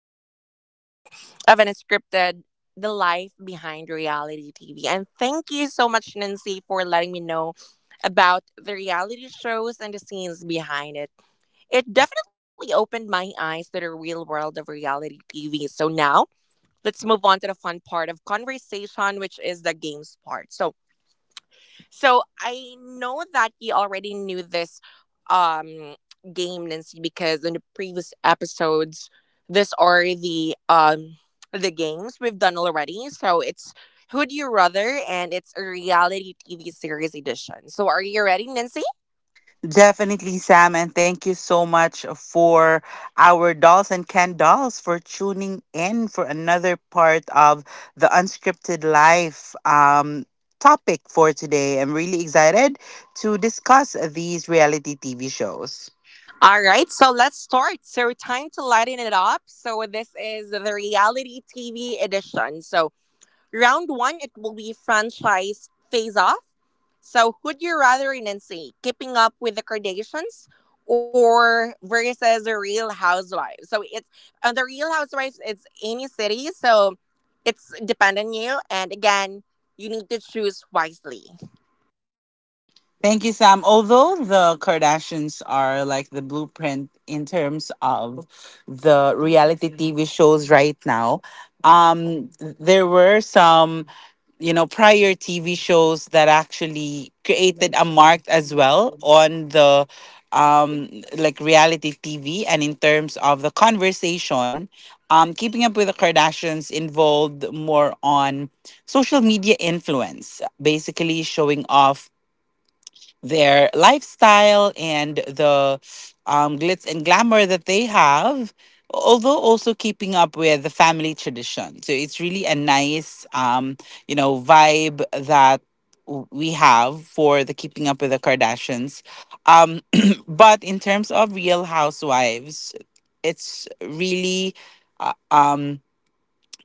For part two of Unscripted, The Life Behind Reality TV. And thank you so much, Nancy, for letting me know about the reality shows and the scenes behind it. It definitely opened my eyes to the real world of reality TV. So now let's move on to the fun part of conversation, which is the games part. So I know that you already knew this um game, Nancy, because in the previous episodes, these are the the games we've done already. So it's Who Do You Rather, and it's a reality TV series edition. So are you ready, Nancy? Definitely, Sam, and thank you so much for our dolls and Ken dolls for tuning in for another part of the unscripted life topic for today. I'm really excited to discuss these reality TV shows. All right, so let's start. So, time to lighten it up. So, this is the reality TV edition. So, round one, it will be franchise phase off. So, who'd you rather, Nancy? Keeping Up with the Kardashians or versus the Real Housewives? So, it's on the Real Housewives, it's any city. So, it's dependent on you. And again, you need to choose wisely. Thank you, Sam. Although the Kardashians are like the blueprint in terms of the reality TV shows right now, um, there were some, you know, prior TV shows that actually created a mark as well on the like reality TV and in terms of the conversation. Keeping up with the Kardashians involved more on social media influence, basically showing off their lifestyle and the glitz and glamour that they have, although also keeping up with the family tradition. So it's really a nice, you know, vibe that we have for the Keeping Up with the Kardashians. Um, but in terms of Real Housewives, it's really. Uh, um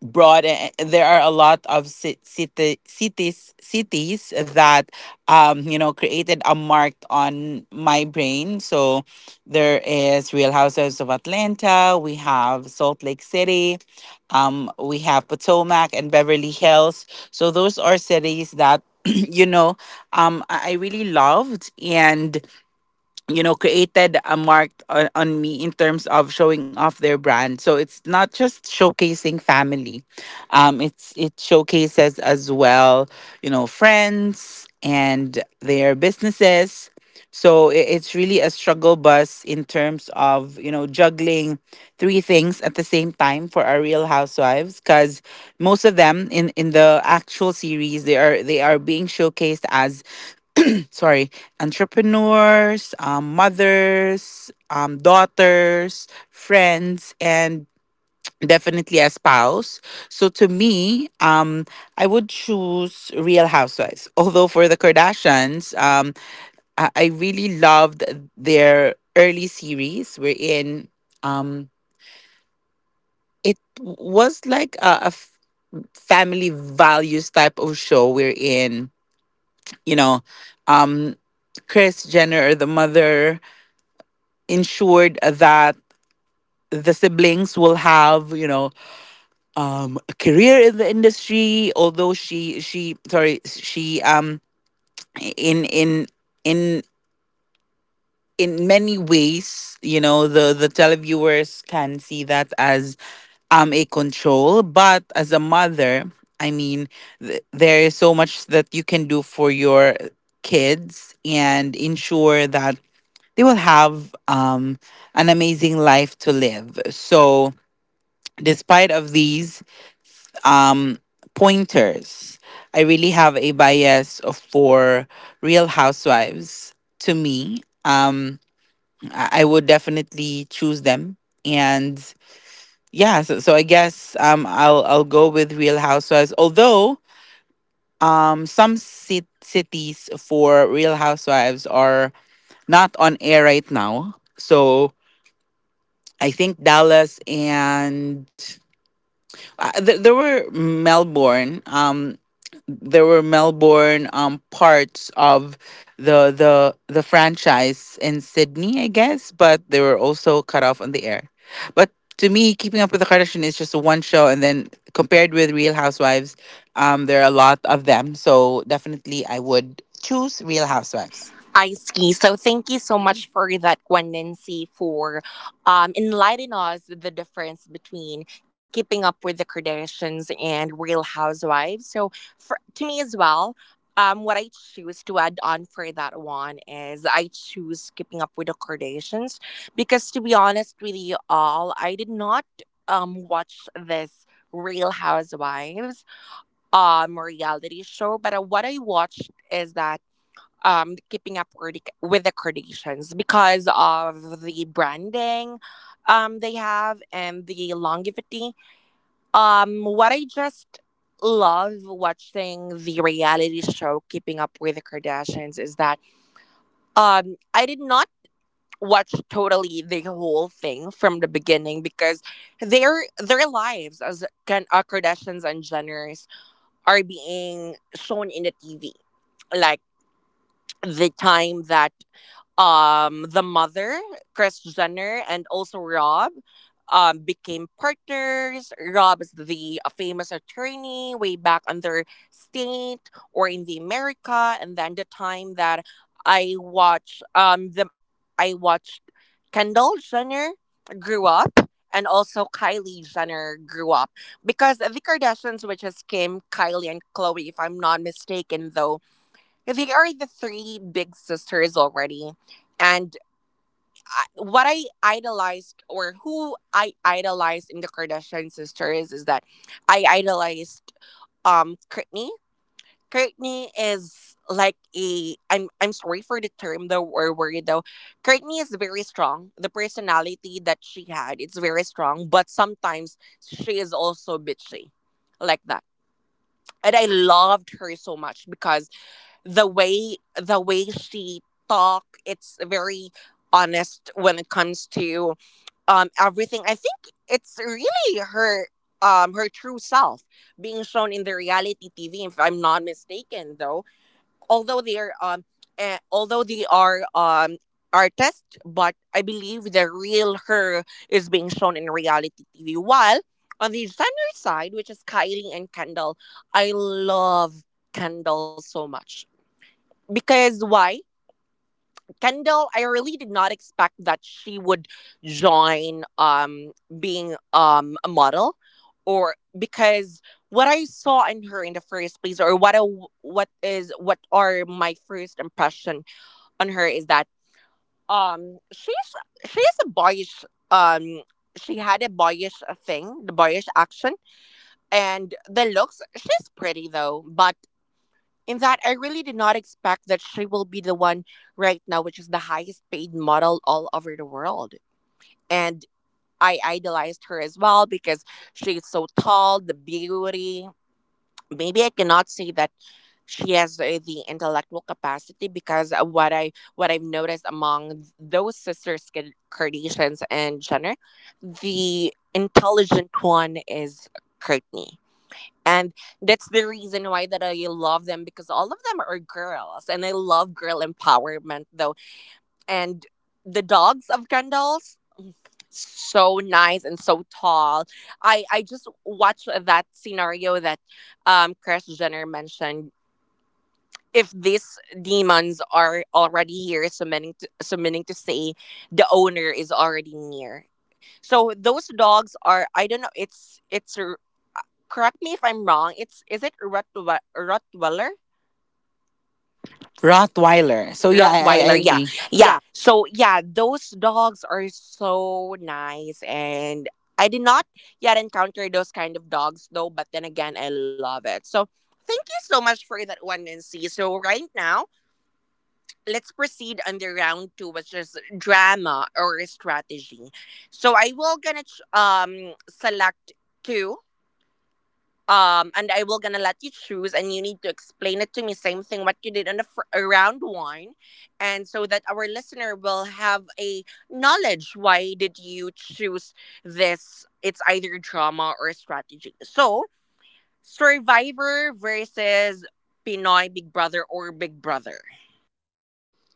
broad, and there are a lot of ci- city, cities cities that you know created a mark on my brain. So there is Real Houses of Atlanta, we have Salt Lake City, we have Potomac and Beverly Hills. So those are cities that you know, I really loved and you know created a mark on me in terms of showing off their brand. So it's not just showcasing family, it showcases as well, you know, friends and their businesses. So it's really a struggle bus in terms of you know juggling three things at the same time for our real housewives, because most of them in the actual series, they are being showcased as sorry, entrepreneurs, mothers, daughters, friends, and definitely a spouse. So to me, I would choose Real Housewives. Although for the Kardashians, um, I really loved their early series wherein um, it was like a family values type of show wherein, you know, um, Chris Jenner, the mother, ensured that the siblings will have you know a career in the industry. Although she sorry she in in in in many ways you know the televiewers can see that as a control. But as a mother, I mean, there is so much that you can do for your kids and ensure that they will have an amazing life to live. So despite of these um, pointers, I really have a bias for Real Housewives. To me, um, I would definitely choose them, and yeah, so I guess um, I'll go with Real Housewives. Although some cities for Real Housewives are not on air right now, so I think Dallas and there were Melbourne. There were Melbourne parts of the franchise in Sydney, I guess, but they were also cut off on the air. But to me, Keeping Up with the Kardashians is just one show, and then compared with Real Housewives, there are a lot of them. So definitely, I would choose Real Housewives. I see. So thank you so much for that, Gwen Nancy, for enlightening us with the difference between Keeping Up with the Kardashians and Real Housewives. So for to me as well, what I choose to add on for that one is I choose Keeping Up with the Kardashians because to be honest with you all, I did not watch this Real Housewives reality show, but what I watched is that keeping up with the Kardashians because of the branding they have and the longevity. What I just love watching the reality show Keeping Up with the Kardashians is that I did not watch totally the whole thing from the beginning because their their lives as can Kardashians and Jenners are being shown in the TV, like the time that the mother Chris Jenner and also Rob, became partners. Rob is the famous attorney way back on their state or in the America. And then the time that I watched the I watched Kendall Jenner grew up, and also Kylie Jenner grew up. Because the Kardashians, which is Kim, Kylie, and Chloe, if I'm not mistaken, though, they are the three big sisters already. And I, what I idolized, or who I idolized in the Kardashian sisters, is that I idolized Kourtney. Kourtney is like a I'm sorry for the term though, or word though. Kourtney is very strong. The personality that she had, it's very strong. But sometimes she is also bitchy, like that. And I loved her so much because the way she talk, it's very honest when it comes to everything. I think it's really her, her true self being shown in the reality TV, if I'm not mistaken though. Although they are eh, although they are um artists but I believe the real her is being shown in reality TV. While on the designer side, which is Kylie and Kendall, I love Kendall so much. Because why? Kendall, I really did not expect that she would join being a model. Or because what I saw in her in the first place, or what is, what are my first impression on her is that um she's she's a boyish, um she had a boyish thing, the boyish action and the looks. She's pretty though. But in that, I really did not expect that she will be the one right now, which is the highest paid model all over the world. And I idolized her as well because she's so tall, the beauty. Maybe I cannot say that she has the intellectual capacity because of what I've noticed among those sisters Kardashians and Jenner, the intelligent one is Courtney. And that's the reason why that I love them, because all of them are girls and I love girl empowerment though. And the dogs of Kendall's, so nice and so tall. I just watched that scenario that Chris Jenner mentioned, if these demons are already here submitting to, submitting to say the owner is already near. So those dogs are, I don't know, correct me if I'm wrong. It's, is it Rottweiler? Rottweiler. So yeah, I, I Rottweiler, I Rottweiler, yeah. yeah. Agree. Yeah. So yeah, those dogs are so nice, and I did not yet encounter those kind of dogs though, but then again, I love it. So thank you so much for that one, Nancy. So right now, let's proceed on the round two, which is drama or strategy. So I will gonna select two, and I will gonna let you choose, and you need to explain it to me, same thing what you did on the round one, and so that our listener will have a knowledge why did you choose this. It's either drama or strategy. So, Survivor versus Pinoy Big Brother, or Big Brother.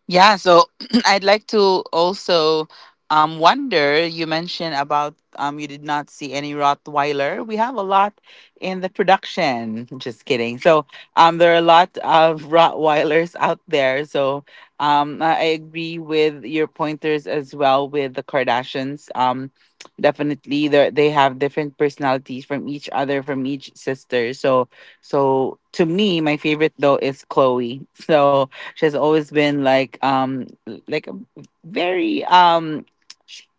Yeah, so I'd like to also wonder you mentioned about you did not see any Rottweiler. We have a lot in the production. Just kidding. So there are a lot of Rottweilers out there. So um, I agree with your pointers as well with the Kardashians. Definitely they have different personalities from each other, from each sister. So to me my favorite though is Chloe. So she has always been like a very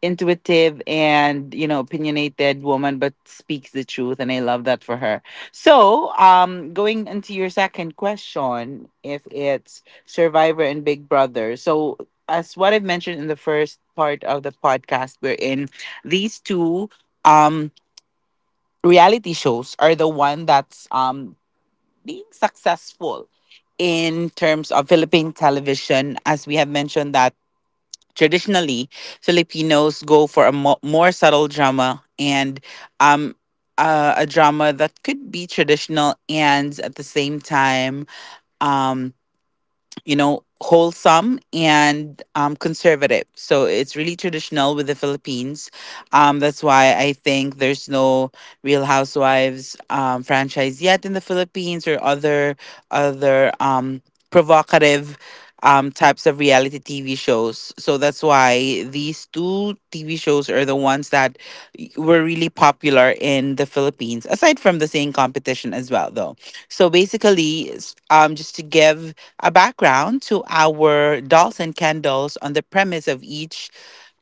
intuitive and you know opinionated woman, but speaks the truth, and I love that for her. So going into your second question, if it's Survivor and Big Brother, so as what I've mentioned in the first part of the podcast, we're in these two um reality shows are the one that's being successful in terms of Philippine television, as we have mentioned that traditionally Filipinos go for a more subtle drama and um a drama that could be traditional and at the same time um, you know, wholesome and conservative. So it's really traditional with the Philippines. That's why I think there's no Real Housewives franchise yet in the Philippines or other provocative types of reality TV shows. So that's why these two TV shows are the ones that were really popular in the Philippines, aside from the same competition as well, though. So basically, just to give a background to our dolls and candles on the premise of each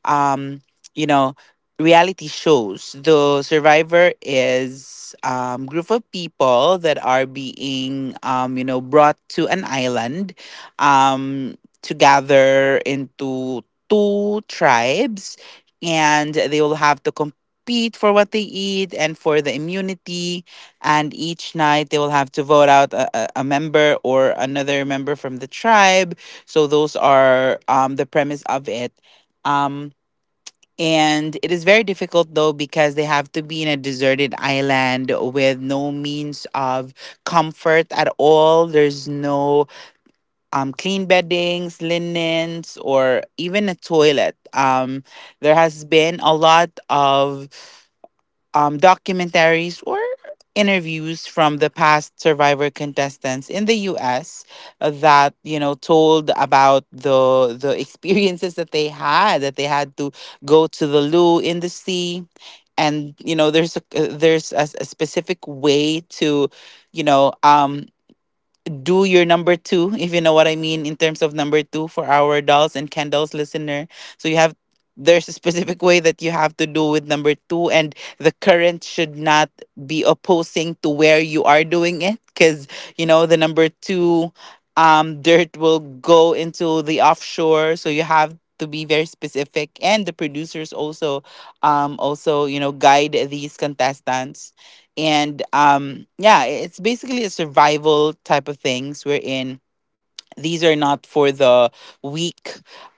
um, you know, reality shows. The Survivor is group of people that are being you know, brought to an island um to gather into two tribes, and they will have to compete for what they eat and for the immunity. And each night they will have to vote out a member or another member from the tribe. So those are the premise of it. Um, and it is very difficult though, because they have to be in a deserted island with no means of comfort at all. There's no clean beddings, linens, or even a toilet. There has been a lot of documentaries or interviews from the past survivor contestants in the US that you know told about the experiences that they had, that they had to go to the loo in the sea. And you know there's a specific way to you know do your number two, if you know what I mean, in terms of number two for our dolls and candles listener. So you have there's a specific way that you have to do with number two, and the current should not be opposing to where you are doing it, because you know the number two dirt will go into the offshore. So you have to be very specific, and the producers also you know guide these contestants. And yeah, it's basically a survival type of things we're in these are not for the weak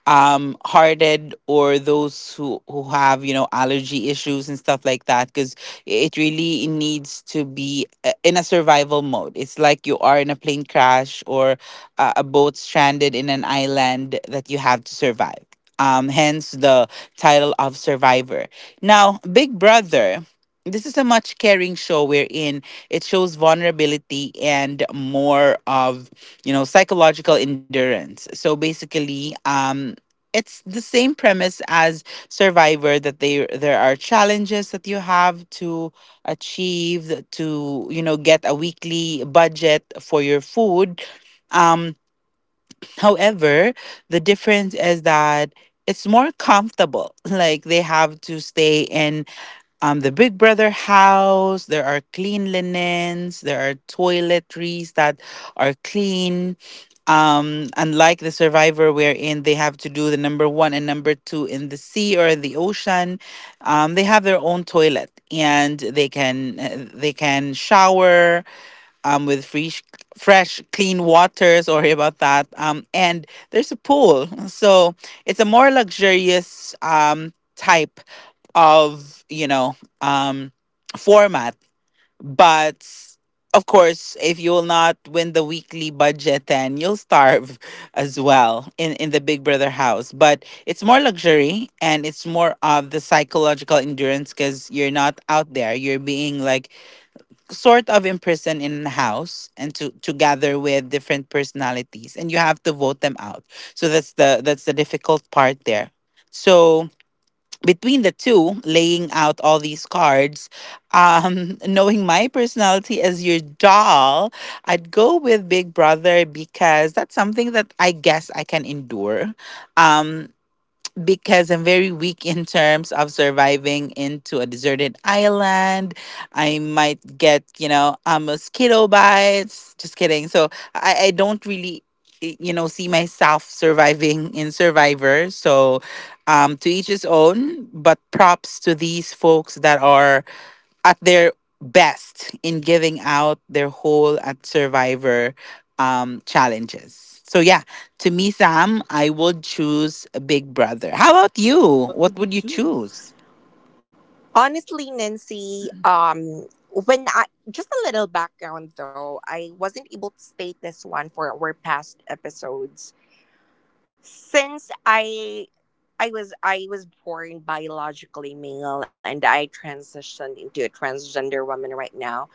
hearted, or those who have you know allergy issues and stuff like that, because it really needs to be in a survival mode. It's like you are in a plane crash or a boat stranded in an island, that you have to survive. Hence the title of Survivor. Now Big Brother, this is a much caring show wherein it shows vulnerability and more of you know psychological endurance. So basically it's the same premise as Survivor, that they there are challenges that you have to achieve to you know get a weekly budget for your food. um However, the difference is that it's more comfortable. Like they have to stay in the Big Brother house. There are clean linens. There are toiletries that are clean. Unlike the Survivor, wherein they have to do the number one and number two in the sea or the ocean, they have their own toilet, and they can shower um, with fresh, clean water. Sorry about that. And there's a pool, so it's a more luxurious type of you know um format. But of course, if you will not win the weekly budget, then you'll starve as well in the Big Brother house. But it's more luxury, and it's more of the psychological endurance, because you're not out there. You're being like sort of in person in a house, and to gather with different personalities, and you have to vote them out. So that's the difficult part there. So between the two, laying out all these cards, knowing my personality as your doll, I'd go with Big Brother, because that's something that I guess I can endure. um because I'm very weak in terms of surviving into a deserted island. I might get, you know, a mosquito bites. Just kidding. So I don't really you know see myself surviving in Survivor. So to each his own, but props to these folks that are at their best in giving out their whole at Survivor challenges. So yeah, to me Sam, I would choose Big Brother. How about you, what What would would you you choose? choose? Honestly, Nancy, when I, just a little background though, I wasn't able to state this one for our past episodes. Since I was born biologically male, and I transitioned into a transgender woman right now.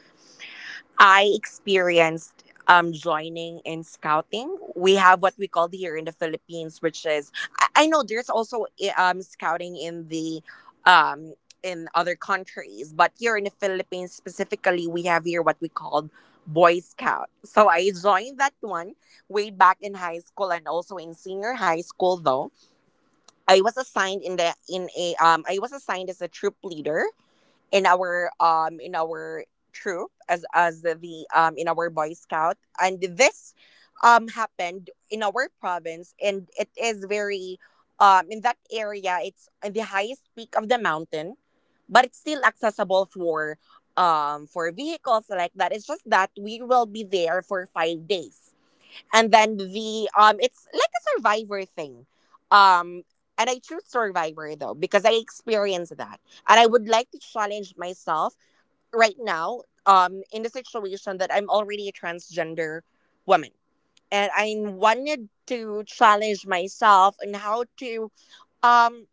I experienced joining in scouting. We have what we call here in the Philippines, which is I know there's also scouting in the um in other countries, but here in the Philippines specifically, we have here what we call Boy Scout. So I joined that one way back in high school, and also in senior high school though. I was assigned in a I was assigned as a troop leader in our in our troop as the in our Boy Scout. And this happened in our province, and it is very in that area, it's in the highest peak of the mountain, but it's still accessible for vehicles like that. It's just that we will be there for 5 days, and then the it's like a survivor thing. um and I choose Survivor though, because I experienced that, and I would like to challenge myself right now, in the situation that I'm already a transgender woman. And I wanted to challenge myself on how to um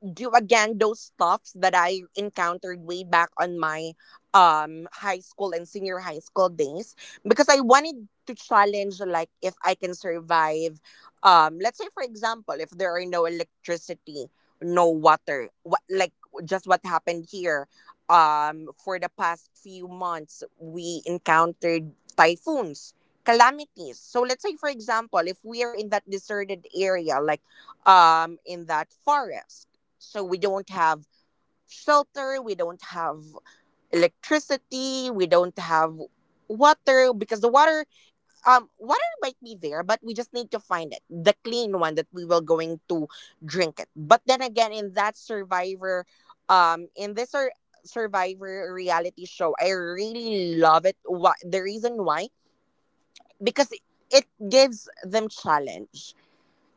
do again those stuffs that I encountered way back on my high school and senior high school days. Because I wanted to challenge, like, if I can survive, let's say for example, if there are no electricity, no water, what, like just what happened here for the past few months. We encountered typhoons, calamities. So let's say for example, if we are in that deserted area, like in that forest, so we don't have shelter, we don't have electricity, we don't have water. Because the water, water might be there, but we just need to find it, the clean one that we will going to drink it. But then again, in that survivor, um in this sur- survivor reality show, I really love it. Why? The reason why, because it gives them challenge,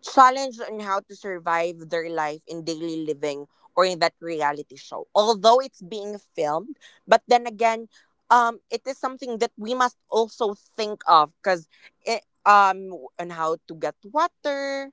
challenged on how to survive their life in daily living, or in that reality show. Although it's being filmed, but then again, it is something that we must also think of. Because um on how to get water,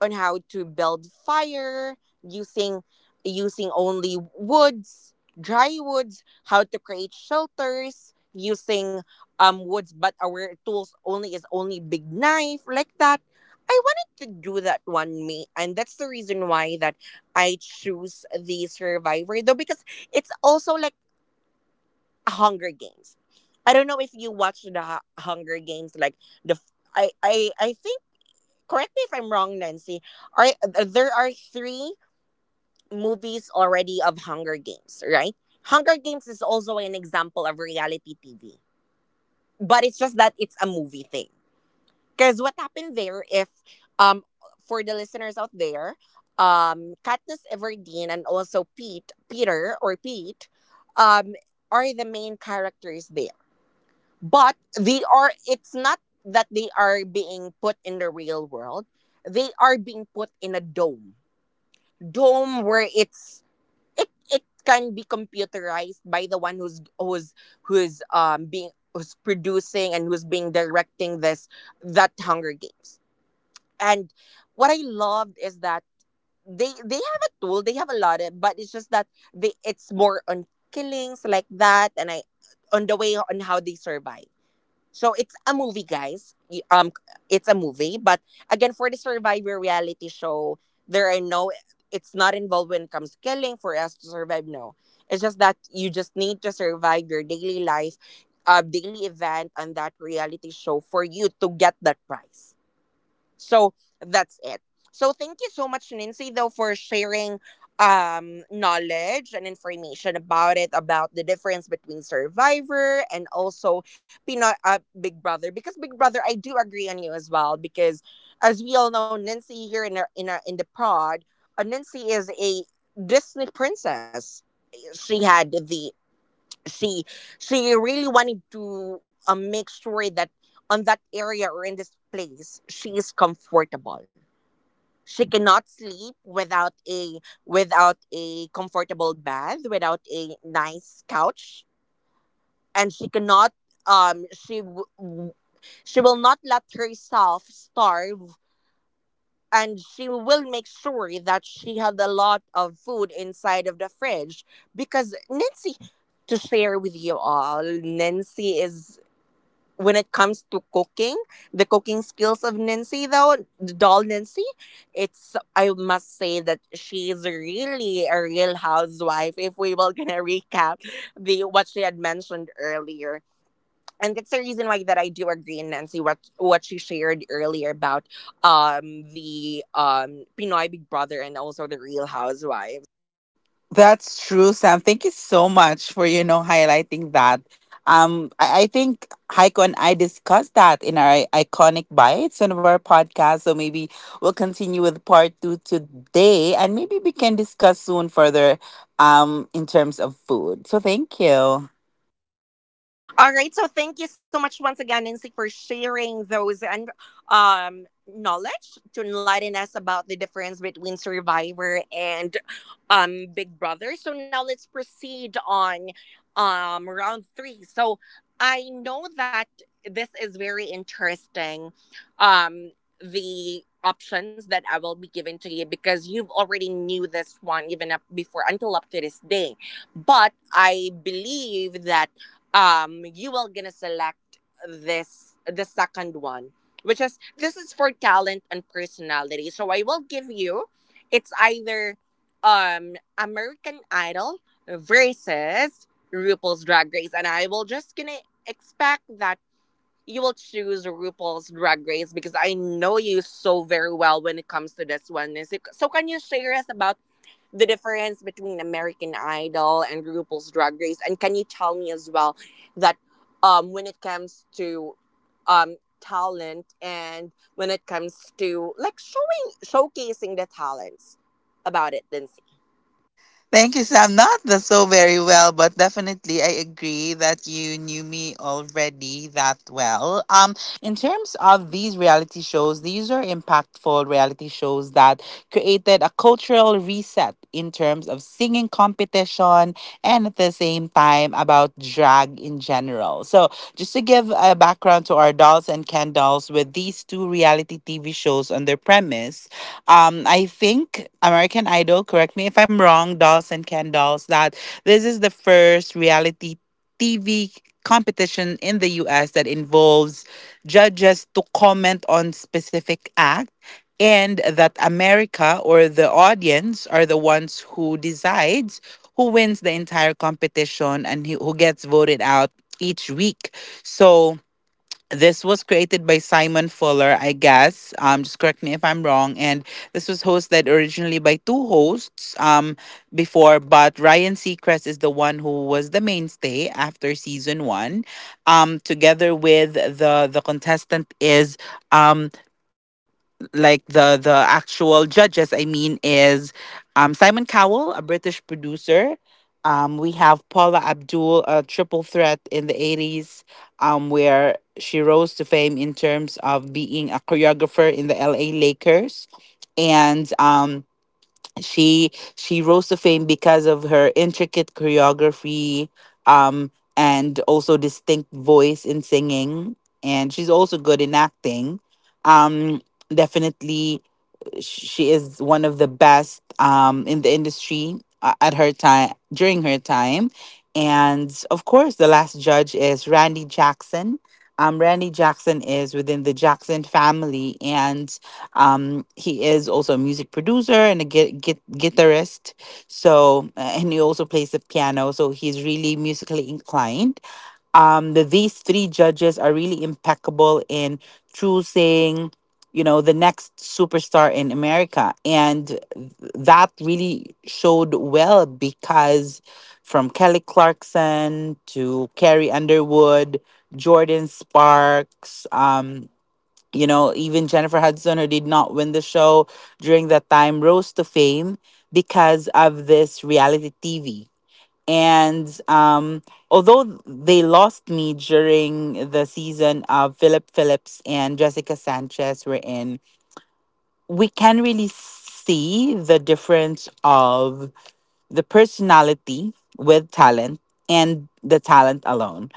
on how to build fire using, using only woods, dry woods, how to create shelters using woods, but our tools only is only big knife, like that. I wanted to do that one me, and that's the reason why that I choose the Survivor though, because it's also like Hunger Games. I don't know if you watch the Hunger Games, like the f- I think, correct me if I'm wrong, Nancy. Are there are three movies already of Hunger Games, right? Hunger Games is also an example of reality TV, but it's just that it's a movie thing. Because what happened there, if um for the listeners out there, Katniss Everdeen and also Pete, Peter or Pete, um are the main characters there. But they are, it's not that they are being put in the real world, they are being put in a dome, dome where it's, it can be computerized by the one who's, who's who's being who's producing, and who's being directing this, that Hunger Games. And what I loved is that they have a tool, they have a lot of, but it's just that they it's more on killings like that. And I, on the way on how they survive. So it's a movie, guys. It's a movie, but again, for the Survivor reality show, there are no. It's not involved when it comes to killing for us to survive. No, it's just that you just need to survive your daily life, daily event, and that reality show, for you to get that prize. So that's it. So thank you so much, Nancy, though, for sharing knowledge and information about it, about the difference between Survivor and also Pinoy Big Brother. Because Big Brother, I do agree on you as well. Because as we all know, Nancy here in our, in the pod, Nancy is a Disney princess. She had the she she really wanted to make sure that on that area or in this place she is comfortable, she cannot sleep without a comfortable bed, without a nice couch, and she cannot um she w- w- she will not let herself starve, and she will make sure that she had a lot of food inside of the fridge. Because Nancy, to share with you all, Nancy is when it comes to cooking, the cooking skills of Nancy, though, the doll Nancy, I must say that she's really a real housewife if we will gonna recap the what she had mentioned earlier. And that's the reason why that I do agree, in Nancy, what she shared earlier about the Pinoy Big Brother and also the Real Housewives. That's true, Sam. Thank you so much for you know highlighting that. I think Heiko and I discussed that in our iconic bites on our podcast. So maybe we'll continue with part two today, and maybe we can discuss soon further in terms of food. So thank you. All right. So thank you so much once again, Nancy, for sharing those and knowledge to enlighten us about the difference between Survivor and Big Brother. So now let's proceed on round three. So I know that this is very interesting. Um the options that I will be giving to you, because you've already knew this one even up before until up to this day. But I believe that you will gonna select this the second one, which is this is for talent and personality. So I will give you, it's either American Idol versus RuPaul's Drag Race, and I will just gonna expect that you will choose RuPaul's Drag Race because I know you so very well when it comes to this one. So can you share us about the difference between American Idol and RuPaul's Drag Race? And can you tell me as well that when it comes to talent, and when it comes to like showing, showcasing the talents about it, Lindsay? Thank you, Sam. Not the so very well, but definitely I agree that you knew me already that well. In terms of these reality shows, these are impactful reality shows that created a cultural reset in terms of singing competition and at the same time about drag in general. So just to give a background to our dolls and Ken dolls with these two reality TV shows on their premise, I think American Idol, correct me if I'm wrong, dolls and Ken dolls, that this is the first reality TV competition in the US that involves judges to comment on specific act, and that America or the audience are the ones who decides who wins the entire competition and who gets voted out each week. So this was created by Simon Fuller, I guess. Just correct me if I'm wrong. And this was hosted originally by two hosts before, but Ryan Seacrest is the one who was the mainstay after season one. Together with the contestant is, um, like the actual judges, I mean, is, Simon Cowell, a British producer. We have Paula Abdul, a triple threat in the 80s, where she rose to fame in terms of being a choreographer in the LA Lakers. And she she rose to fame because of her intricate choreography, um and also distinct voice in singing, and she's also good in acting. um Definitely, she is one of the best, in the industry, at her time, during her time. And of course, the last judge is Randy Jackson. Randy Jackson is within the Jackson family, and he is also a music producer and a guitarist. So and he also plays the piano, so he's really musically inclined. These three judges are really impeccable in choosing, you know, the next superstar in America. That really showed well, because from Kelly Clarkson to Carrie Underwood, Jordan Sparks, you know, even Jennifer Hudson, who did not win the show during that time, rose to fame because of this reality TV. And although they lost me during the season of Philip Phillips and Jessica Sanchez were in, we can really see the difference of the personality with talent and the talent alone.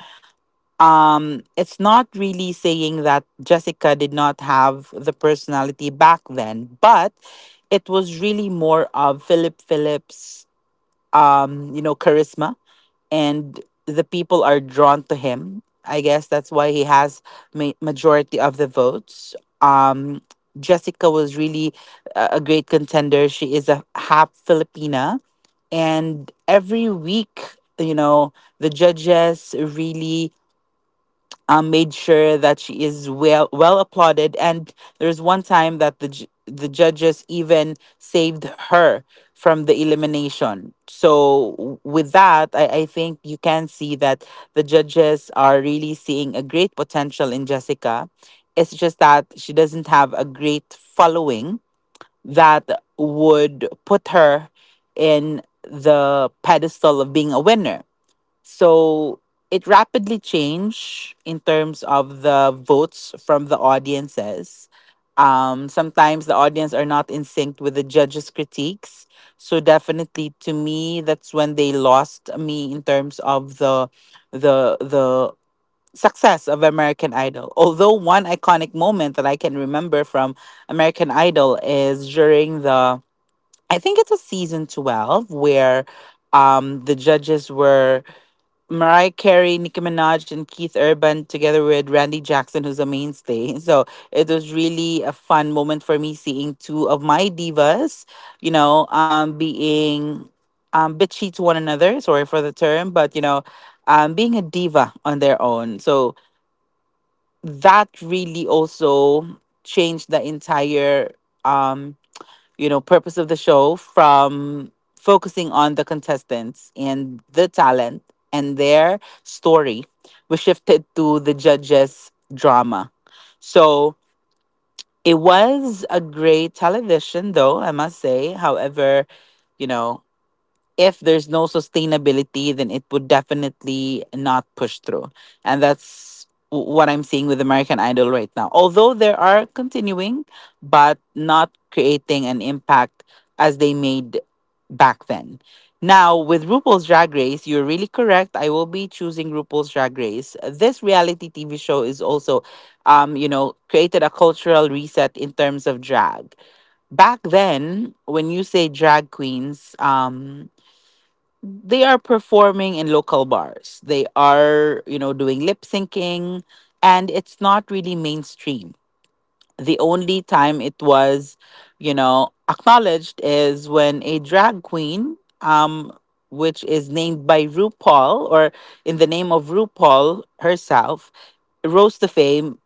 It's not really saying that Jessica did not have the personality back then, but it was really more of Philip Phillips, you know, charisma, and the people are drawn to him. I guess that's why he has majority of the votes. Um, Jessica was really a great contender. She is a half Filipina, and every week, you know, the judges really, made sure that she is well applauded. And there's one time that the judges even saved her from the elimination. So, with that, I think you can see that the judges are really seeing a great potential in Jessica. It's just that she doesn't have a great following that would put her in the pedestal of being a winner, so it rapidly changed in terms of the votes from the audiences. Sometimes the audience are not in sync with the judges' critiques. So definitely, to me, that's when they lost me in terms of the the the success of American Idol. Although one iconic moment that I can remember from American Idol is during the, I think it was season 12, where the judges were Mariah Carey, Nicki Minaj, and Keith Urban, together with Randy Jackson, who's a mainstay. So it was really a fun moment for me, seeing two of my divas, you know, being bitchy to one another. Sorry for the term, but you know, being a diva on their own. So that really also changed the entire, um you know, purpose of the show from focusing on the contestants and the talent and their story. We shifted to the judges' drama. So it was a great television, though, I must say. However, you know, if there's no sustainability, then it would definitely not push through. And that's what I'm seeing with American Idol right now. Although there are continuing, but not creating an impact as they made back then. Now, with RuPaul's Drag Race, you're really correct. I will be choosing RuPaul's Drag Race. This reality TV show is also, you know, created a cultural reset in terms of drag. Back then, when you say drag queens, they are performing in local bars. They are, you know, doing lip syncing, and it's not really mainstream. The only time it was, you know, acknowledged is when a drag queen, which is named by RuPaul, or in the name of RuPaul herself, rose to fame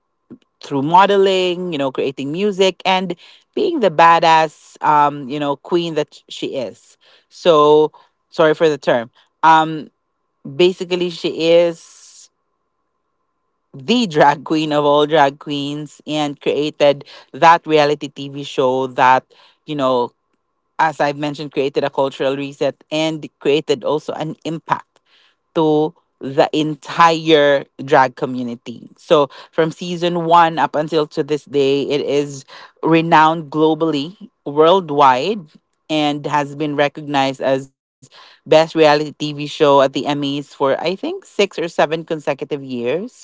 through modeling, you know, creating music, and being the badass, you know, queen that she is. So, sorry for the term. Um, basically, she is the drag queen of all drag queens, and created that reality TV show that, you know, as I've mentioned, created a cultural reset and created also an impact to the entire drag community. So from season one up until to this day, it is renowned globally, worldwide, and has been recognized as best reality TV show at the Emmys for, I think, six or seven consecutive years,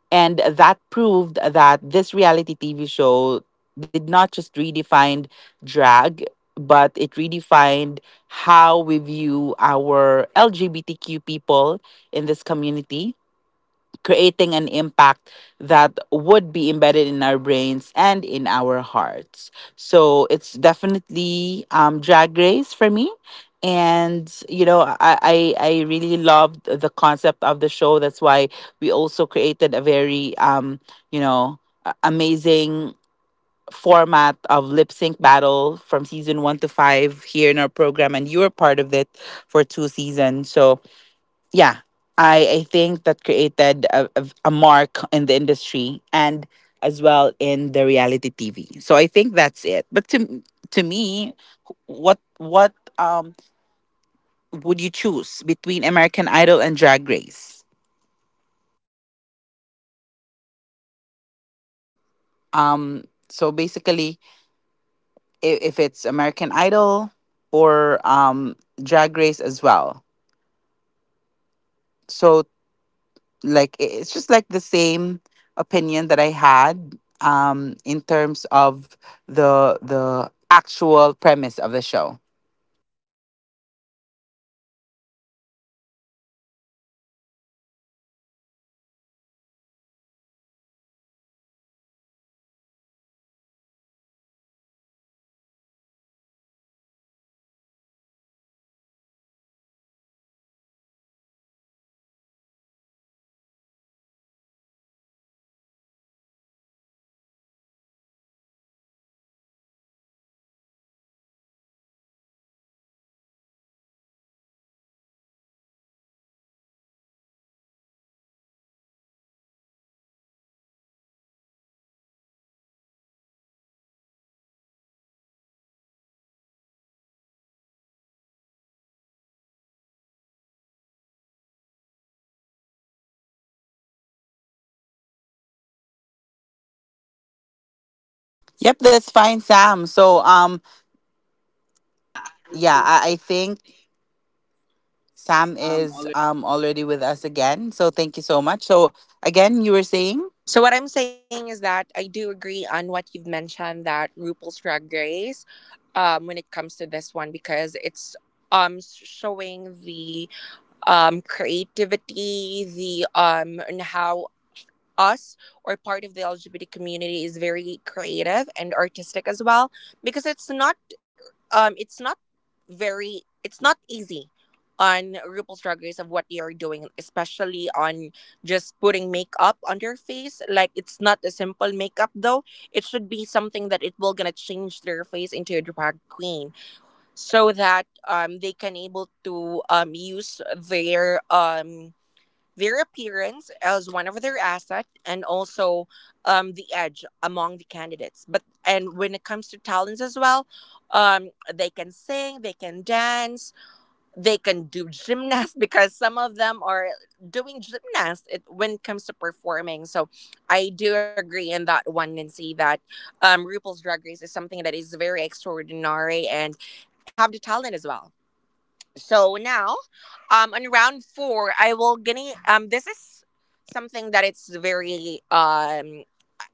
and that proved that this reality TV show did not just redefine drag, but it redefined how we view our LGBTQ people in this community, creating an impact that would be embedded in our brains and in our hearts. So it's definitely, drag race for me. And you know, I really loved the concept of the show. That's why we also created a very, you know, amazing format of lip sync battle from season one to five here in our program, and you were part of it for two seasons. So, yeah, I think that created a, a mark in the industry and as well in the reality TV. So I think that's it. But to me, what, what, would you choose between American Idol and Drag Race? um so basically, if it's American Idol or, Drag Race as well, so, like, it's just like the same opinion that I had, in terms of the actual premise of the show. I see. So to me, Nancy, I would also choose RuPaul's Drag Race because when it comes to talents, I always believe that we part of the LGBT community, we're always extraordinary though because we are always performing two characteristics in one body. And when it comes to that, what? Yep, that's fine, Sam. So, Yeah, I yeah, think I think Sam it's is already. Already with us again. So thank you so much. So, again, you were saying? So what I'm saying is that I do agree on what you've mentioned, that RuPaul's Drag Race, when it comes to this one, because it's showing the creativity, the and how us or part of the LGBT community is very creative and artistic as well, because it's not very it's not easy on RuPaul's Drag Race of what they are doing, especially on just putting makeup on their face. Like, it's not a simple makeup though. It should be something that it will gonna change their face into a drag queen, so that they can able to use their appearance as one of their asset, and also the edge among the candidates. But and when it comes to talents as well, they can sing, they can dance, they can do gymnast because some of them are doing gymnast it, when it comes to performing. So I do agree in that one, Nancy, that RuPaul's Drag Race is something that is very extraordinary and have the talent as well. So now, on round four, I will gonna this is something that it's very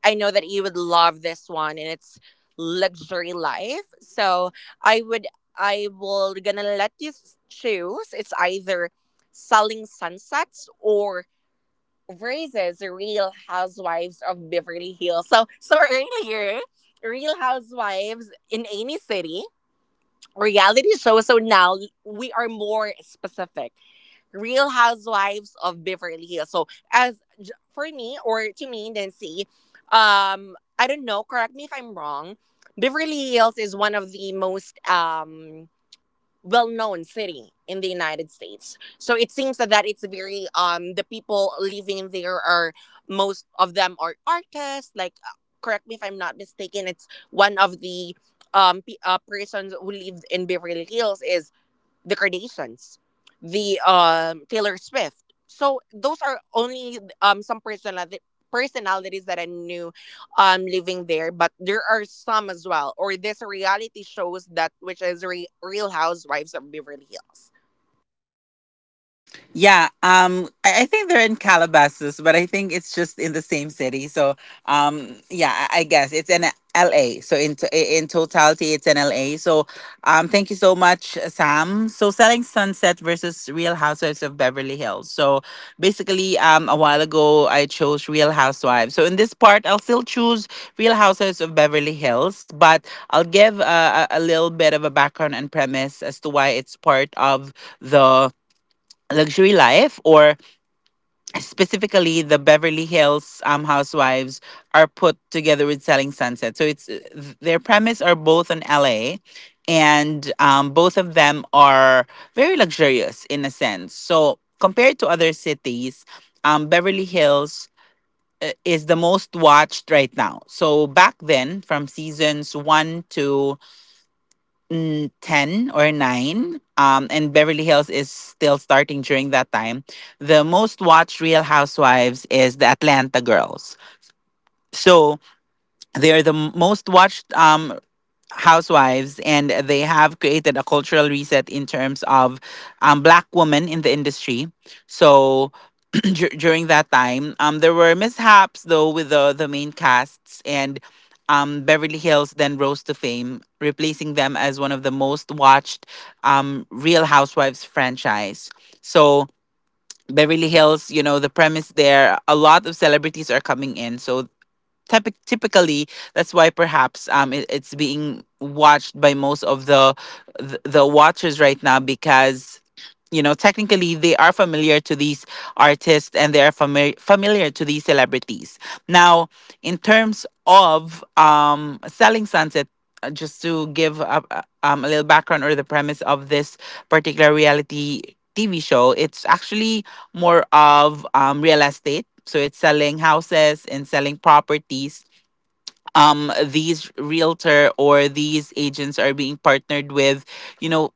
I know that you would love this one, and it's luxury life. So I would I will gonna let you choose. It's either Selling Sunsets or raises Real Housewives of Beverly Hills. So so earlier, real housewives in any city, reality show. So now we are more specific. Real Housewives of Beverly Hills. So as for me or to me, Nancy, I don't know. Correct me if I'm wrong. Beverly Hills is one of the most well-known city in the United States. So it seems that, it's very the people living there are, most of them are artists. Like, correct me if I'm not mistaken. It's one of the persons who lived in Beverly Hills is the Kardashians, the Taylor Swift. So those are only some personality personalities that I knew living there, but there are some as well. Or this reality shows that which is Real Housewives of Beverly Hills. Yeah, I think they're in Calabasas, but I think it's just in the same city. So, yeah, I guess it's in LA. So in totality, it's in LA. So, thank you so much, Sam. So, Selling Sunset versus Real Housewives of Beverly Hills. So, basically, a while ago, I chose Real Housewives. So in this part, I'll still choose Real Housewives of Beverly Hills, but I'll give a, a little bit of a background and premise as to why it's part of the luxury life, or specifically, the Beverly Hills, housewives are put together with Selling Sunset. So it's, their premise are both in LA, and both of them are very luxurious in a sense. So compared to other cities, Beverly Hills, is the most watched right now. So back then, from seasons one to, 10 or 9, and Beverly Hills is still starting during that time, the most watched Real Housewives is the Atlanta girls. So they're the most watched, housewives, and they have created a cultural reset in terms of, black women in the industry. So during that time, there were mishaps though with the main casts, and Beverly Hills then rose to fame, replacing them as one of the most watched, Real Housewives franchise. So. Beverly Hills, you know, the premise there, a lot of celebrities are coming in. So, typically, that's why perhaps, it, it's being watched by most of the, the watchers right now because, you know, technically they are familiar to these artists, and they are familiar to these celebrities now. In terms of, Selling Sunset, just to give a, a little background or the premise of this particular reality TV show, it's actually more of, real estate. So it's selling houses and selling properties. These realtor or these agents are being partnered with, you know,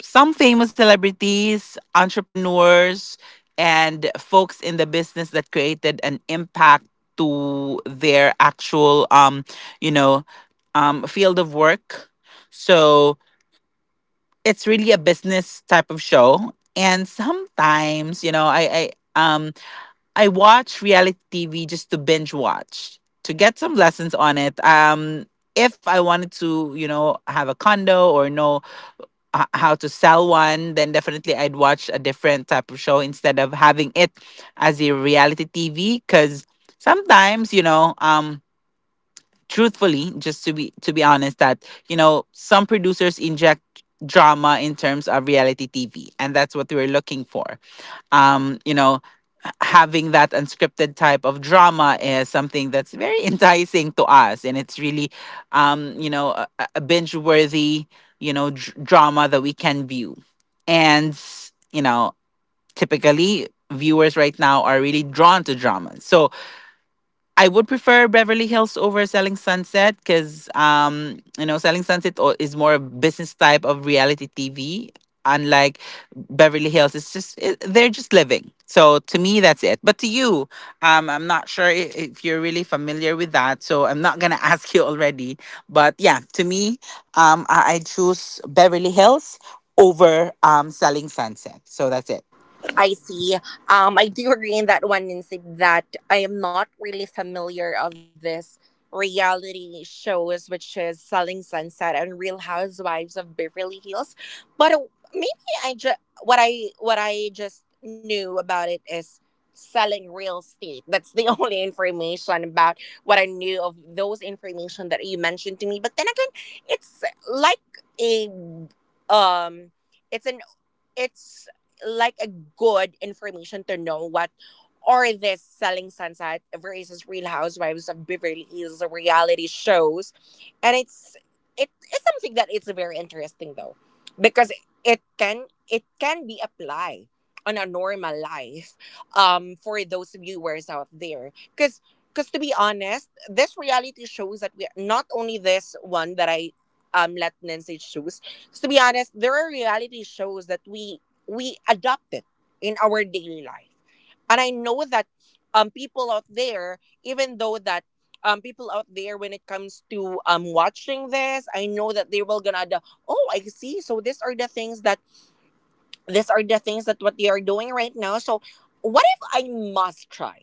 some famous celebrities, entrepreneurs, and folks in the business that created an impact to their actual, you know, field of work. So it's really a business type of show. And sometimes, you know, um I watch reality TV just to binge watch to get some lessons on it. If I wanted to, you know, have a condo or know how to sell one, then definitely I'd watch a different type of show instead of having it as a reality TV. Because sometimes, truthfully, just to be honest, some producers inject drama in terms of reality TV, and that's what we're looking for. um, you know, Having that unscripted type of drama is something that's very enticing to us, and it's really um you know a, a binge worthy drama that we can view. And you know Typically, viewers right now are really drawn to dramas, so I would prefer Beverly Hills over Selling Sunset because, Selling Sunset is more of business type of reality TV. Unlike Beverly Hills, they're just living. So to me, that's it. But to you, I'm not sure if you're really familiar with that, so I'm not gonna ask you already. But yeah, to me, I choose Beverly Hills over Selling Sunset. So that's it. I see. I do agree in that one instance that I am not really familiar of this reality shows, which is Selling Sunset and Real Housewives of Beverly Hills. But maybe I just what I just knew about it is selling real estate. That's the only information about what I knew of those information that you mentioned to me. But then again, it's like a um. It's an it's like a good information to know what are this Selling Sunset versus Real Housewives of Beverly Hills reality shows. And it's, it is something that it's very interesting though, because it can, it can be applied on a normal life for those viewers out there. because because to be honest, this reality shows that we are not only this one that I let Nancy choose. 'Cause to be honest, there are reality shows that we adopt it in our daily life. And I know that people out there, even though that people out there, when it comes to watching this, I know that they will gonna the, oh, I see, so these are the things that, these are the things that what they are doing right now. So what if I must try?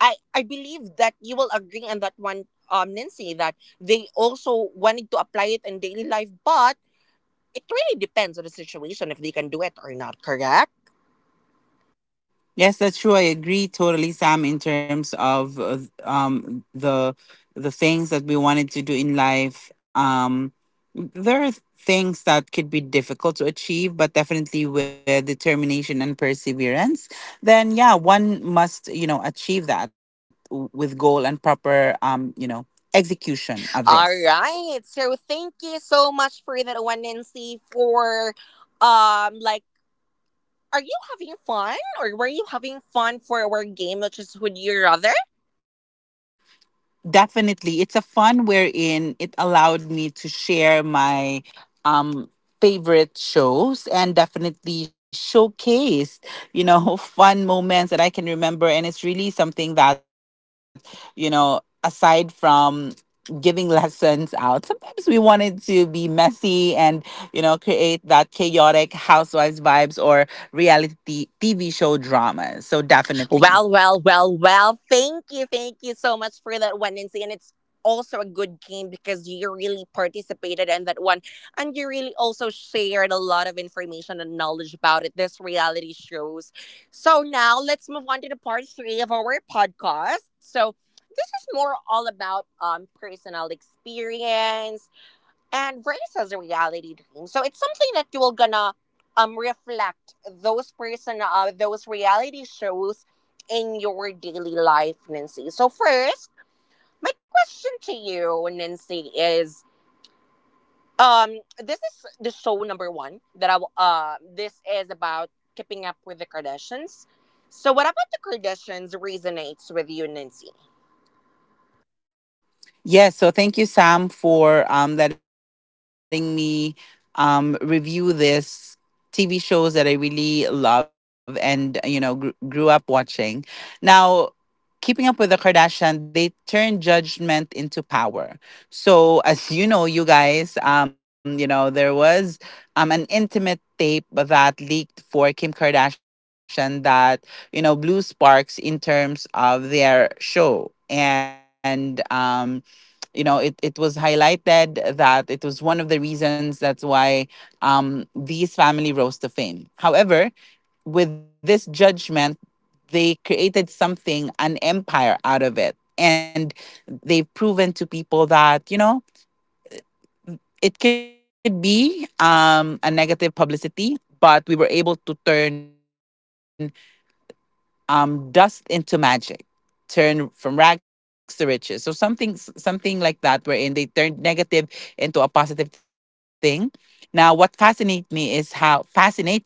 I believe that you will agree on that one, Nancy, that they also wanted to apply it in daily life, but it really depends on the situation if they can do it or not, correct? Yes, that's true. I agree totally, Sam, in terms of the things that we wanted to do in life. There are things that could be difficult to achieve, but definitely with determination and perseverance, then yeah, one must achieve that with goal and proper execution of this. All right. So thank you so much for that one, Nancy, for like, are you having fun or were you having fun for our game, which is Would You Rather? Definitely. It's a fun wherein it allowed me to share my um favorite shows and definitely showcased, you know, fun moments that I can remember. And it's really something that, you know, aside from giving lessons out, sometimes we wanted to be messy and, you know, create that chaotic housewives vibes or reality TV show drama. So definitely. Well, well, well, well, thank you, thank you so much for that one, Nancy. And it's also a good game because you really participated in that one, and you really also shared a lot of information and knowledge about it, this reality shows. So now let's move on to the part three of our podcast. So this is more all about personal experience and race as a reality dream. So it's something that you're gonna reflect those person those reality shows in your daily life, Nancy. So first, my question to you, Nancy, is this is the show number one that this is about Keeping Up with the Kardashians. So what about the Kardashians resonates with you, Nancy? Yes, so thank you, Sam, for letting me review this TV shows that I really love and grew up watching. Now, keeping up with the Kardashian, they turn judgment into power. So, as you know, you guys, there was an intimate tape that leaked for Kim Kardashian that blew sparks in terms of their show and. It was highlighted that it was one of the reasons that's why these family rose to fame. However, with this judgment they created something, an empire out of it, and they've proven to people that it could be a negative publicity, but we were able to turn dust into magic, turn from rags to riches. So something, like that, wherein they turned negative into a positive thing. Now what fascinates me is how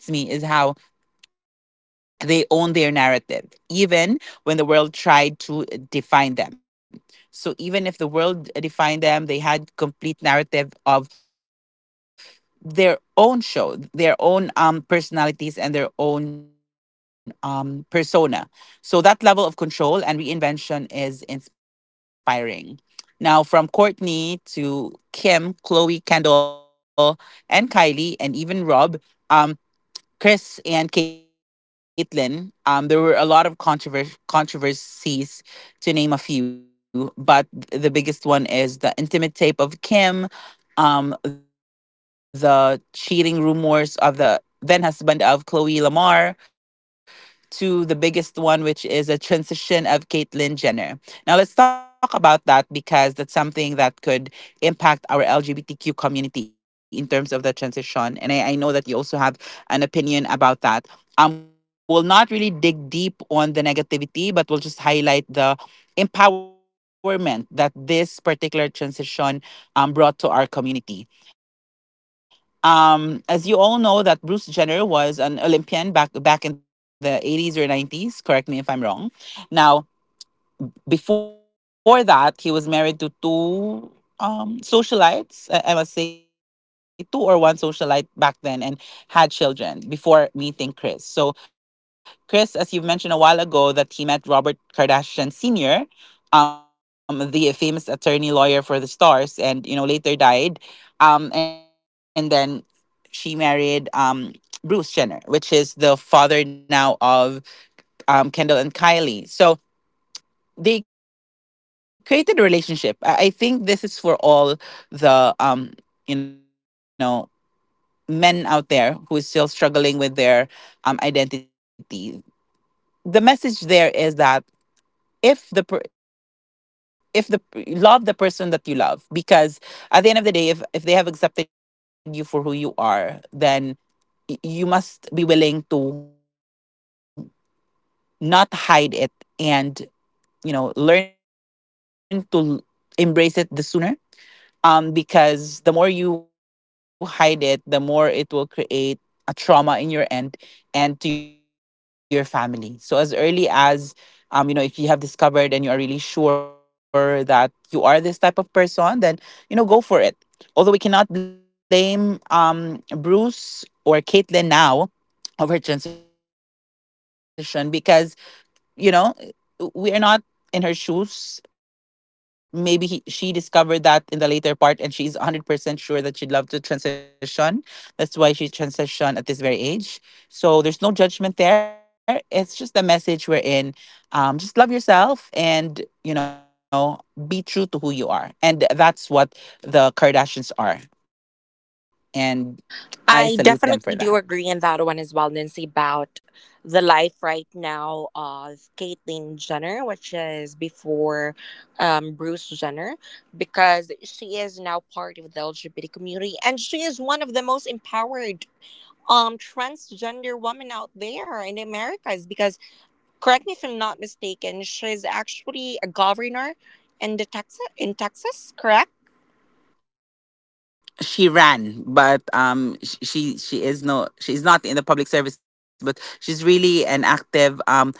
they own their narrative, even when the world tried to define them. So, even if the world defined them, they had complete narrative of their own show, their own personalities, and their own persona. So, that level of control and reinvention is inspiring. Now, from Courtney to Kim, Chloe, Kendall, and Kylie, and even Rob. Um, Chris and Caitlyn, there were a lot of controversies, to name a few, but the biggest one is the intimate tape of Kim, the cheating rumors of the then husband of Chloe Lamar, to the biggest one, which is a transition of Caitlyn Jenner. Now, let's talk about that because that's something that could impact our LGBTQ community in terms of the transition. And I know that you also have an opinion about that. We'll not really dig deep on the negativity, but we'll just highlight the empowerment that this particular transition brought to our community. As you all know, that Bruce Jenner was an Olympian back in the 80s or 90s. Correct me if I'm wrong. Now, before that, he was married to two socialites, I must say, two or one socialite back then, and had children before meeting Chris. So Chris, as you've mentioned a while ago, that he met Robert Kardashian Senior, the famous attorney lawyer for the stars, and you know, later died. And then She married Bruce Jenner, which is the father now of Kendall and Kylie, so they created a relationship. I think this is for all the you know, men out there who is still struggling with their identity. The message there is that if the, love the person that you love, because at the end of the day, if they have accepted you for who you are, then you must be willing to not hide it, and you know learn to l- embrace it the sooner, because the more you hide it, the more it will create a trauma in your end and to your family. So as early as, if you have discovered and you are really sure that you are this type of person, then go for it. Although we cannot blame Bruce or Caitlyn now of her transition, because you know we are not in her shoes. Maybe she discovered that in the later part, and she's 100% sure that she'd love to transition. That's why she transitioned at this very age. So there's no judgment there. It's just the message we're in. Just love yourself and, you know, be true to who you are. And that's what the Kardashians are. And I salute them for that. I definitely do agree in that one as well, Nancy, about the life right now of Caitlyn Jenner, which is before Bruce Jenner, because she is now part of the LGBT community, and she is one of the most empowered transgender woman out there in Americas. Because correct me if I'm not mistaken, she's actually a governor in the Texas in Texas, correct? She ran, but she is no, she is not in the public service, but she's really an active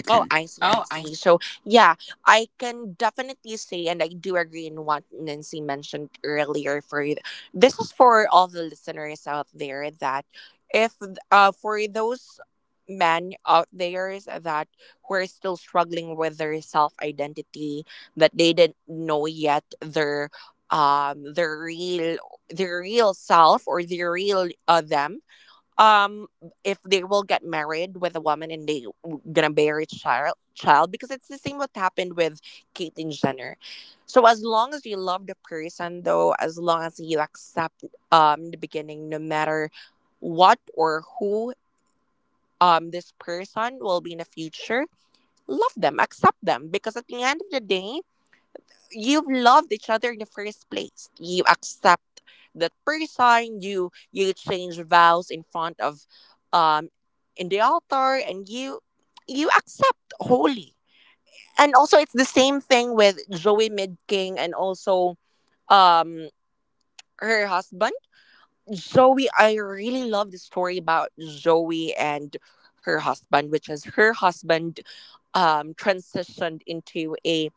Oh, I see, I Oh, see. I. So, yeah, I can definitely say, and I do agree in what Nancy mentioned earlier. This is for all the listeners out there that if for those men out there that who are still struggling with their self identity, that they didn't know yet their real, their real self, or their real them, um if they will get married with a woman and they gonna bear a child, because it's the same what happened with Caitlyn Jenner. So as long as you love the person though, as long as you accept in the beginning, no matter what or who this person will be in the future, love them, accept them, because at the end of the day, you've loved each other in the first place. You accept that person. You change vows in front of, um, in the altar, and you accept wholly. And also, it's the same thing with Joey Midking and also um her husband Joey. I really love the story about Joey and her husband, which is her husband transitioned into a,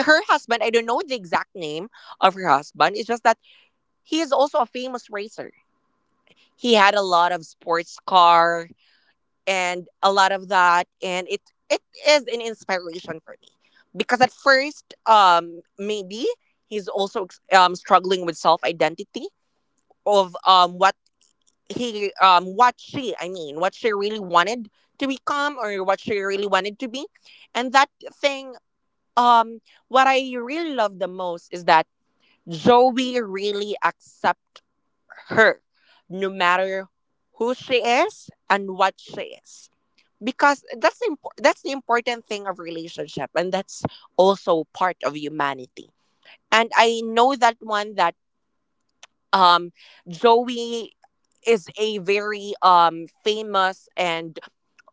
her husband, I don't know the exact name of her husband. It's just that he is also a famous racer. He had a lot of sports car and a lot of that, and it is an inspiration for me because at first, maybe he's also struggling with self identity of what he what she I mean what she really wanted to become or what she really wanted to be, and that thing um what I really love the most is that Zoe really accept her no matter who she is and what she is because that's the important thing of relationship and that's also part of humanity. And I know that one that um Zoe is a very famous and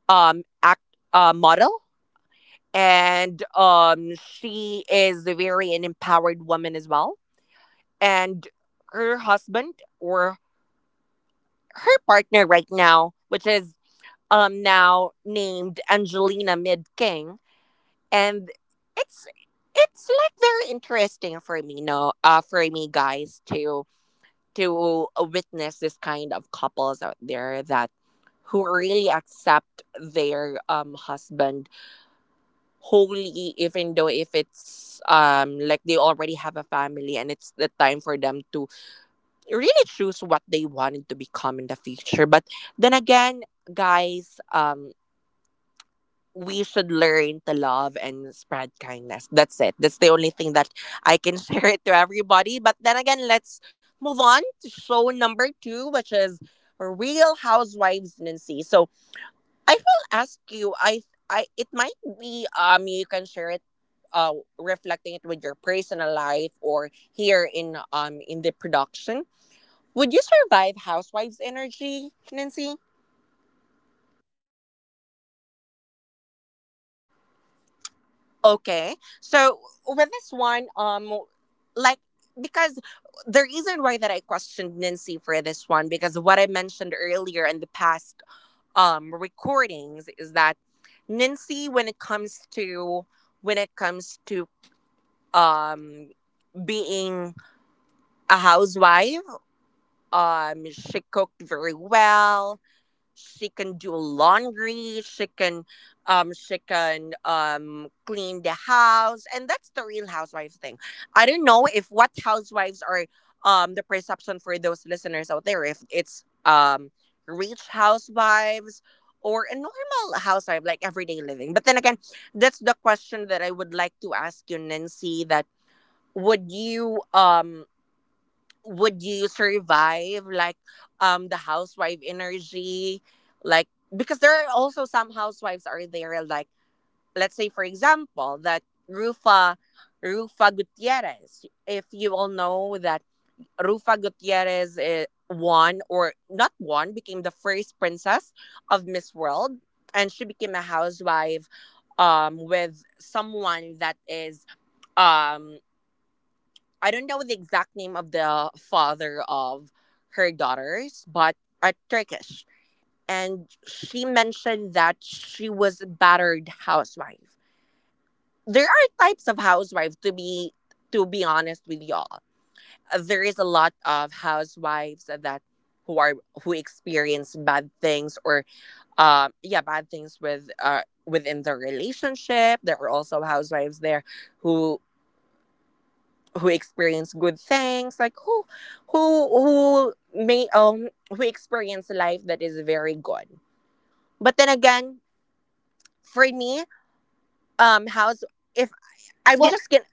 act model, and she is a very an empowered woman as well. And her husband or her partner right now, which is now named Angelina Mid King, and it's it's like very interesting for me, no, for me guys to witness this kind of couples out there that who really accept their husband wholly, even though if it's like they already have a family and it's the time for them to really choose what they wanted to become in the future. But then again, guys, we should learn to love and spread kindness. That's it. That's the only thing that I can share it to everybody. But then again, let's move on to show number two, which is Real Housewives, Nancy. So I will ask you. I it might be you can share it. Uh, Reflecting it with your personal life or here in the production, would you survive housewives energy, Nancy? Okay. So with this one, like because the reason why that I questioned Nancy for this one, because what I mentioned earlier in the past recordings is that Nancy, when it comes to when it comes to um being a housewife, she cooked very well. She can do laundry, she can clean the house, and that's the real housewife thing. I don't know if what housewives are, the perception for those listeners out there, if it's rich housewives or a normal housewife like everyday living. But then again, that's the question that I would like to ask you, Nancy, that would you um would you survive like the housewife energy, like, because there are also some housewives are there like, let's say for example that rufa rufa Gutierrez, if you all know that Rufa Gutierrez won or not won, became the first princess of Miss World and she became a housewife with someone that is um I don't know the exact name of the father of her daughters, but are Turkish. And she mentioned that she was a battered housewife. There are types of housewives, to be honest with y'all. There is a lot of housewives that who are who experience bad things or yeah, bad things with within the relationship. There are also housewives there who who experience good things, like who may who experience life that is very good. But then again, for me, how's if I will just get,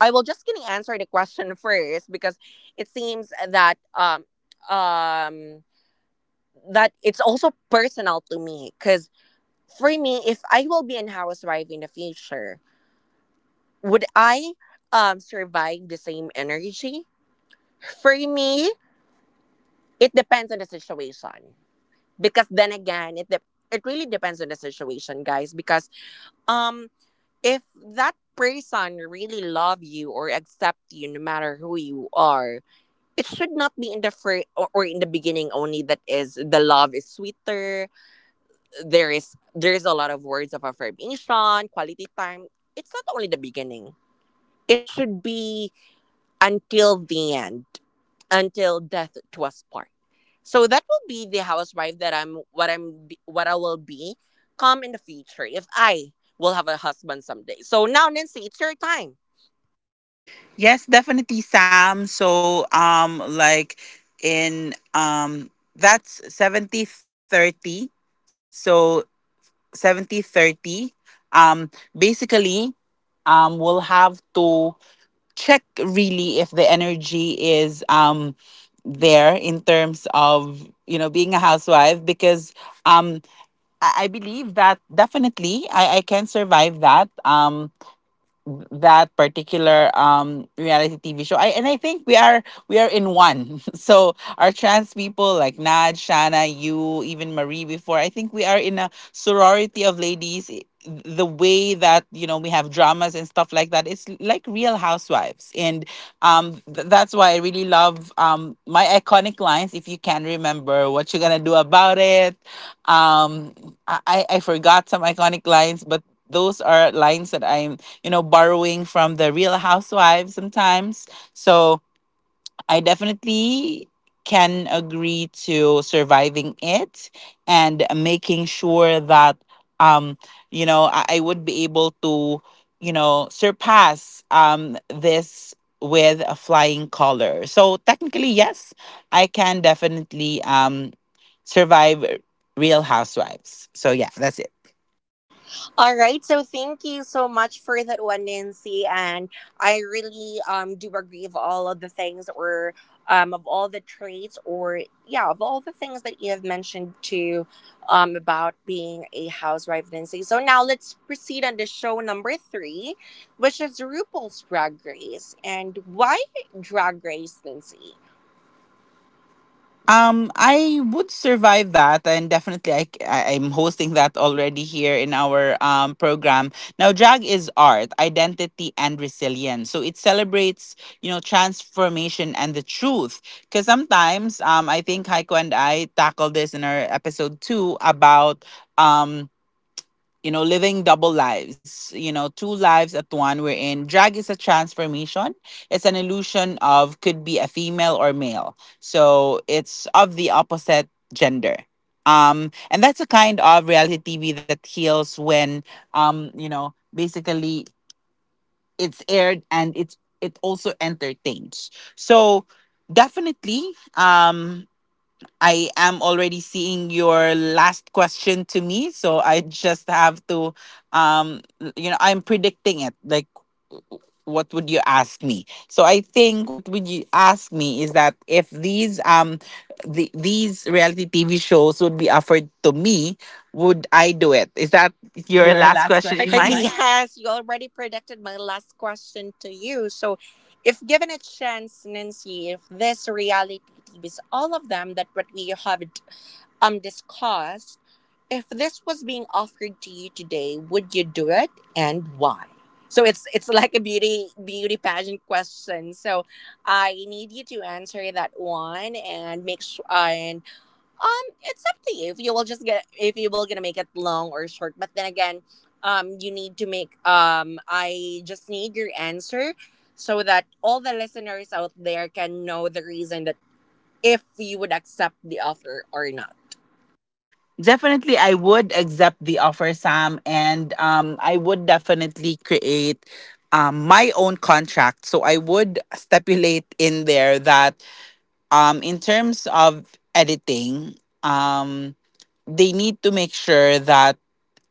I will just gonna answer the question first because it seems that um that it's also personal to me because for me, if I will be an housewife in the future, would I survive the same energy? For me, it depends on the situation because then again, it really depends on the situation, guys, because um if that person really love you or accept you no matter who you are, it should not be in the first or in the beginning only that is the love is sweeter. There is there is a lot of words of affirmation, quality time. It's not only the beginning, it should be until the end, until death to us part. So that will be the housewife that I'm what I'm be- what I will be come in the future if I will have a husband someday. So now, Nancy, it's your time. Yes, definitely, Sam. So, like in that's 70-30. So, 70-30. Um, basically, we'll have to check really if the energy is there in of you know being a housewife, because um I believe that definitely I can survive that. Um, that particular reality TV show. I think we are in one. So our trans people like Nad, Shana, you, even Marie before, I think we are in a sorority of ladies. The way that you know we have dramas and stuff like that, it's like Real Housewives, and that's why I really love my iconic lines. If you can remember what you're gonna do about it, um I I forgot some iconic lines, but those are lines that I, you know, borrowing from the real housewives sometimes. So I definitely can agree to surviving it and making sure that, um, you know, I would be able to, you know, surpass this with a flying color. So technically, yes, I can definitely survive Real Housewives. So yeah, that's it. All right, so thank you so much for that one, Nancy. And I really do agree of all of the things or of all the traits or yeah, of all the things that you have mentioned to about being a housewife, Nancy. So now let's proceed on to show number three, which is RuPaul's Drag Race. And why Drag Race, Nancy? I would survive that, and definitely, I am hosting that already here in our program. Now, drag is art, identity, and resilience. So it celebrates, you know, transformation and the truth. Because sometimes, I think Heiko and I tackled this in our episode 2 about, um you know, living double lives, you know, two lives at one. We're in drag is a transformation. It's an illusion of could be a female or male. So it's of the opposite gender. And that's a kind of reality TV that heals when, you know, basically it's aired and it also entertains. So definitely, I am already seeing your last question to me, so I just have to, um, you know, I'm predicting it. Like, what would you ask me? So I think what would you ask me is that if these reality TV shows would be offered to me, would I do it? Is that your Your last last question question in and mind? mine? Yes, you already predicted my last question to you. So, if given a chance, Nancy, if this reality TV is all of them that what we have discussed, if this was being offered to you today, would you do it and why? So it's like a beauty pageant question. So I need you to answer that one and make sure and. It's up to you if you will just get if you will gonna make it long or short. But then again, you need to make I just need your answer so that all the listeners out there can know the reason that if you would accept the offer or not. Definitely, I would accept the offer, Sam, and I would definitely create my own contract. So I would stipulate in there that in terms of editing, um, they need to make sure that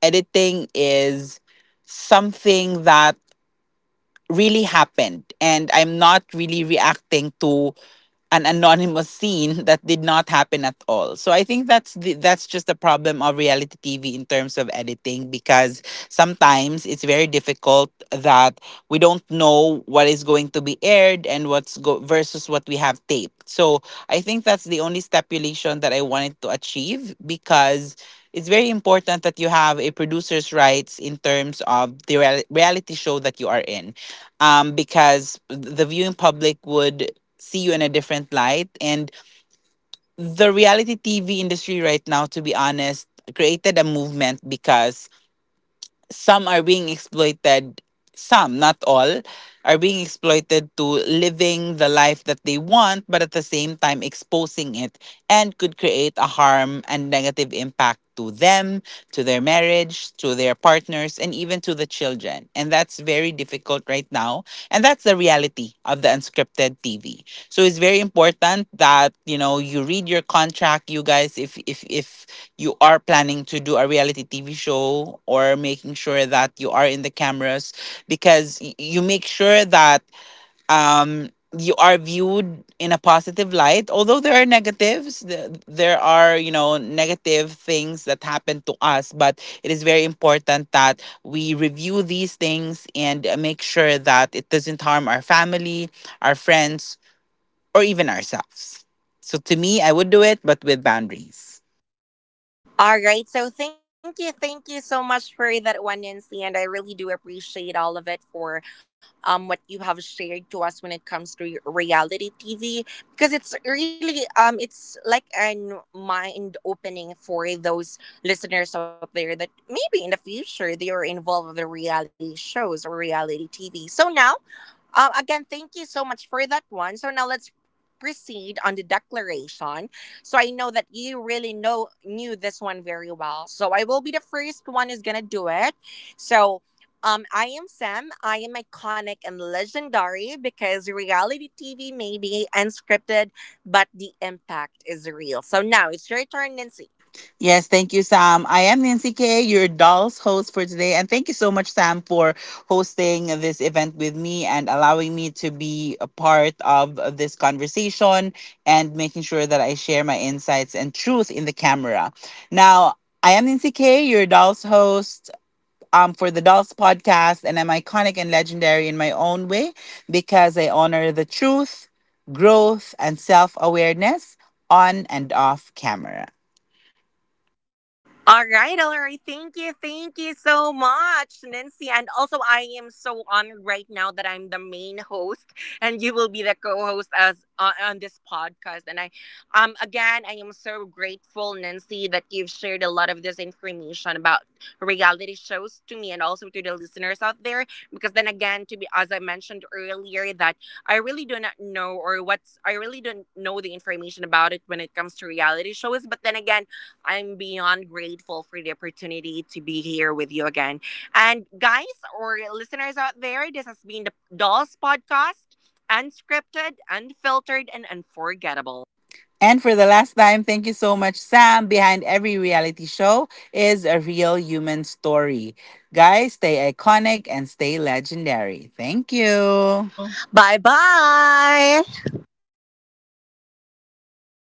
editing is something that really happened, and I'm not really reacting to an anonymous scene that did not happen at all. So I think that's that's just a problem of reality TV in terms of editing, because sometimes it's very difficult that we don't know what is going to be aired and versus what we have taped. So I think that's the only stipulation that I wanted to achieve, because it's very important that you have a producer's rights in terms of the reality show that you are in, because the viewing public would see you in a different light. And the reality TV industry right now, to be honest, created a movement because some are being exploited, some not all are being exploited to living the life that they want, but at the same time exposing it and could create a harm and negative impact to them, to their marriage, to their partners, and even to the children, and that's very difficult right now. And that's the reality of the unscripted TV. So it's very important that you know, you read your contract, you guys, if you are planning to do a reality TV show or making sure that you are in the cameras, because you make sure that, um, you are viewed in a positive light. Although there are negatives, there are, you know, negative things that happen to us, but it is very important that we review these things and make sure that it doesn't harm our family, our friends, or even ourselves. So to me, I would do it, but with boundaries. All right. So thank you. Thank you so much for that one, Nancy. And I really do appreciate all of it for what you have shared to us when it comes to reality TV. Because it's really, it's like a mind opening for those listeners out there that maybe in the future they are involved with the reality shows or reality TV. So now, again, thank you so much for that one. So now let's proceed on the declaration. So I know that you really know knew this one very well. So I will be the first one who's gonna do it. So I am Sam. I am iconic and legendary because reality TV may be unscripted, but the impact is real. So now it's your turn, Nancy. Yes, thank you, Sam. I am Nancy K, your doll's host for today. And thank you so much, Sam, for hosting this event with me and allowing me to be a part of this conversation and making sure that I share my insights and truth in the camera. Now, I am Nancy K, your doll's host. For the Dolls podcast, and I'm iconic and legendary in my own way because I honor the truth, growth, and self awareness on and off camera. All right, all right. Thank you so much, Nancy. And also, I am so honored right now that I'm the main host, and you will be the co-host as on this podcast. And I, again, I am so grateful, Nancy, that you've shared a lot of this information about reality shows to me and also to the listeners out there. Because then again, to be as I mentioned earlier, that I really do not know or what's I really don't know the information about it when it comes to reality shows. But then again, I'm beyond grateful for the opportunity to be here with you again. And guys or listeners out there, this has been the Dolls Podcast, unscripted, unfiltered, and unforgettable. And for the last time, thank you so much, Sam. Behind every reality show is a real human story. Guys, stay iconic and stay legendary. Thank you. Bye bye.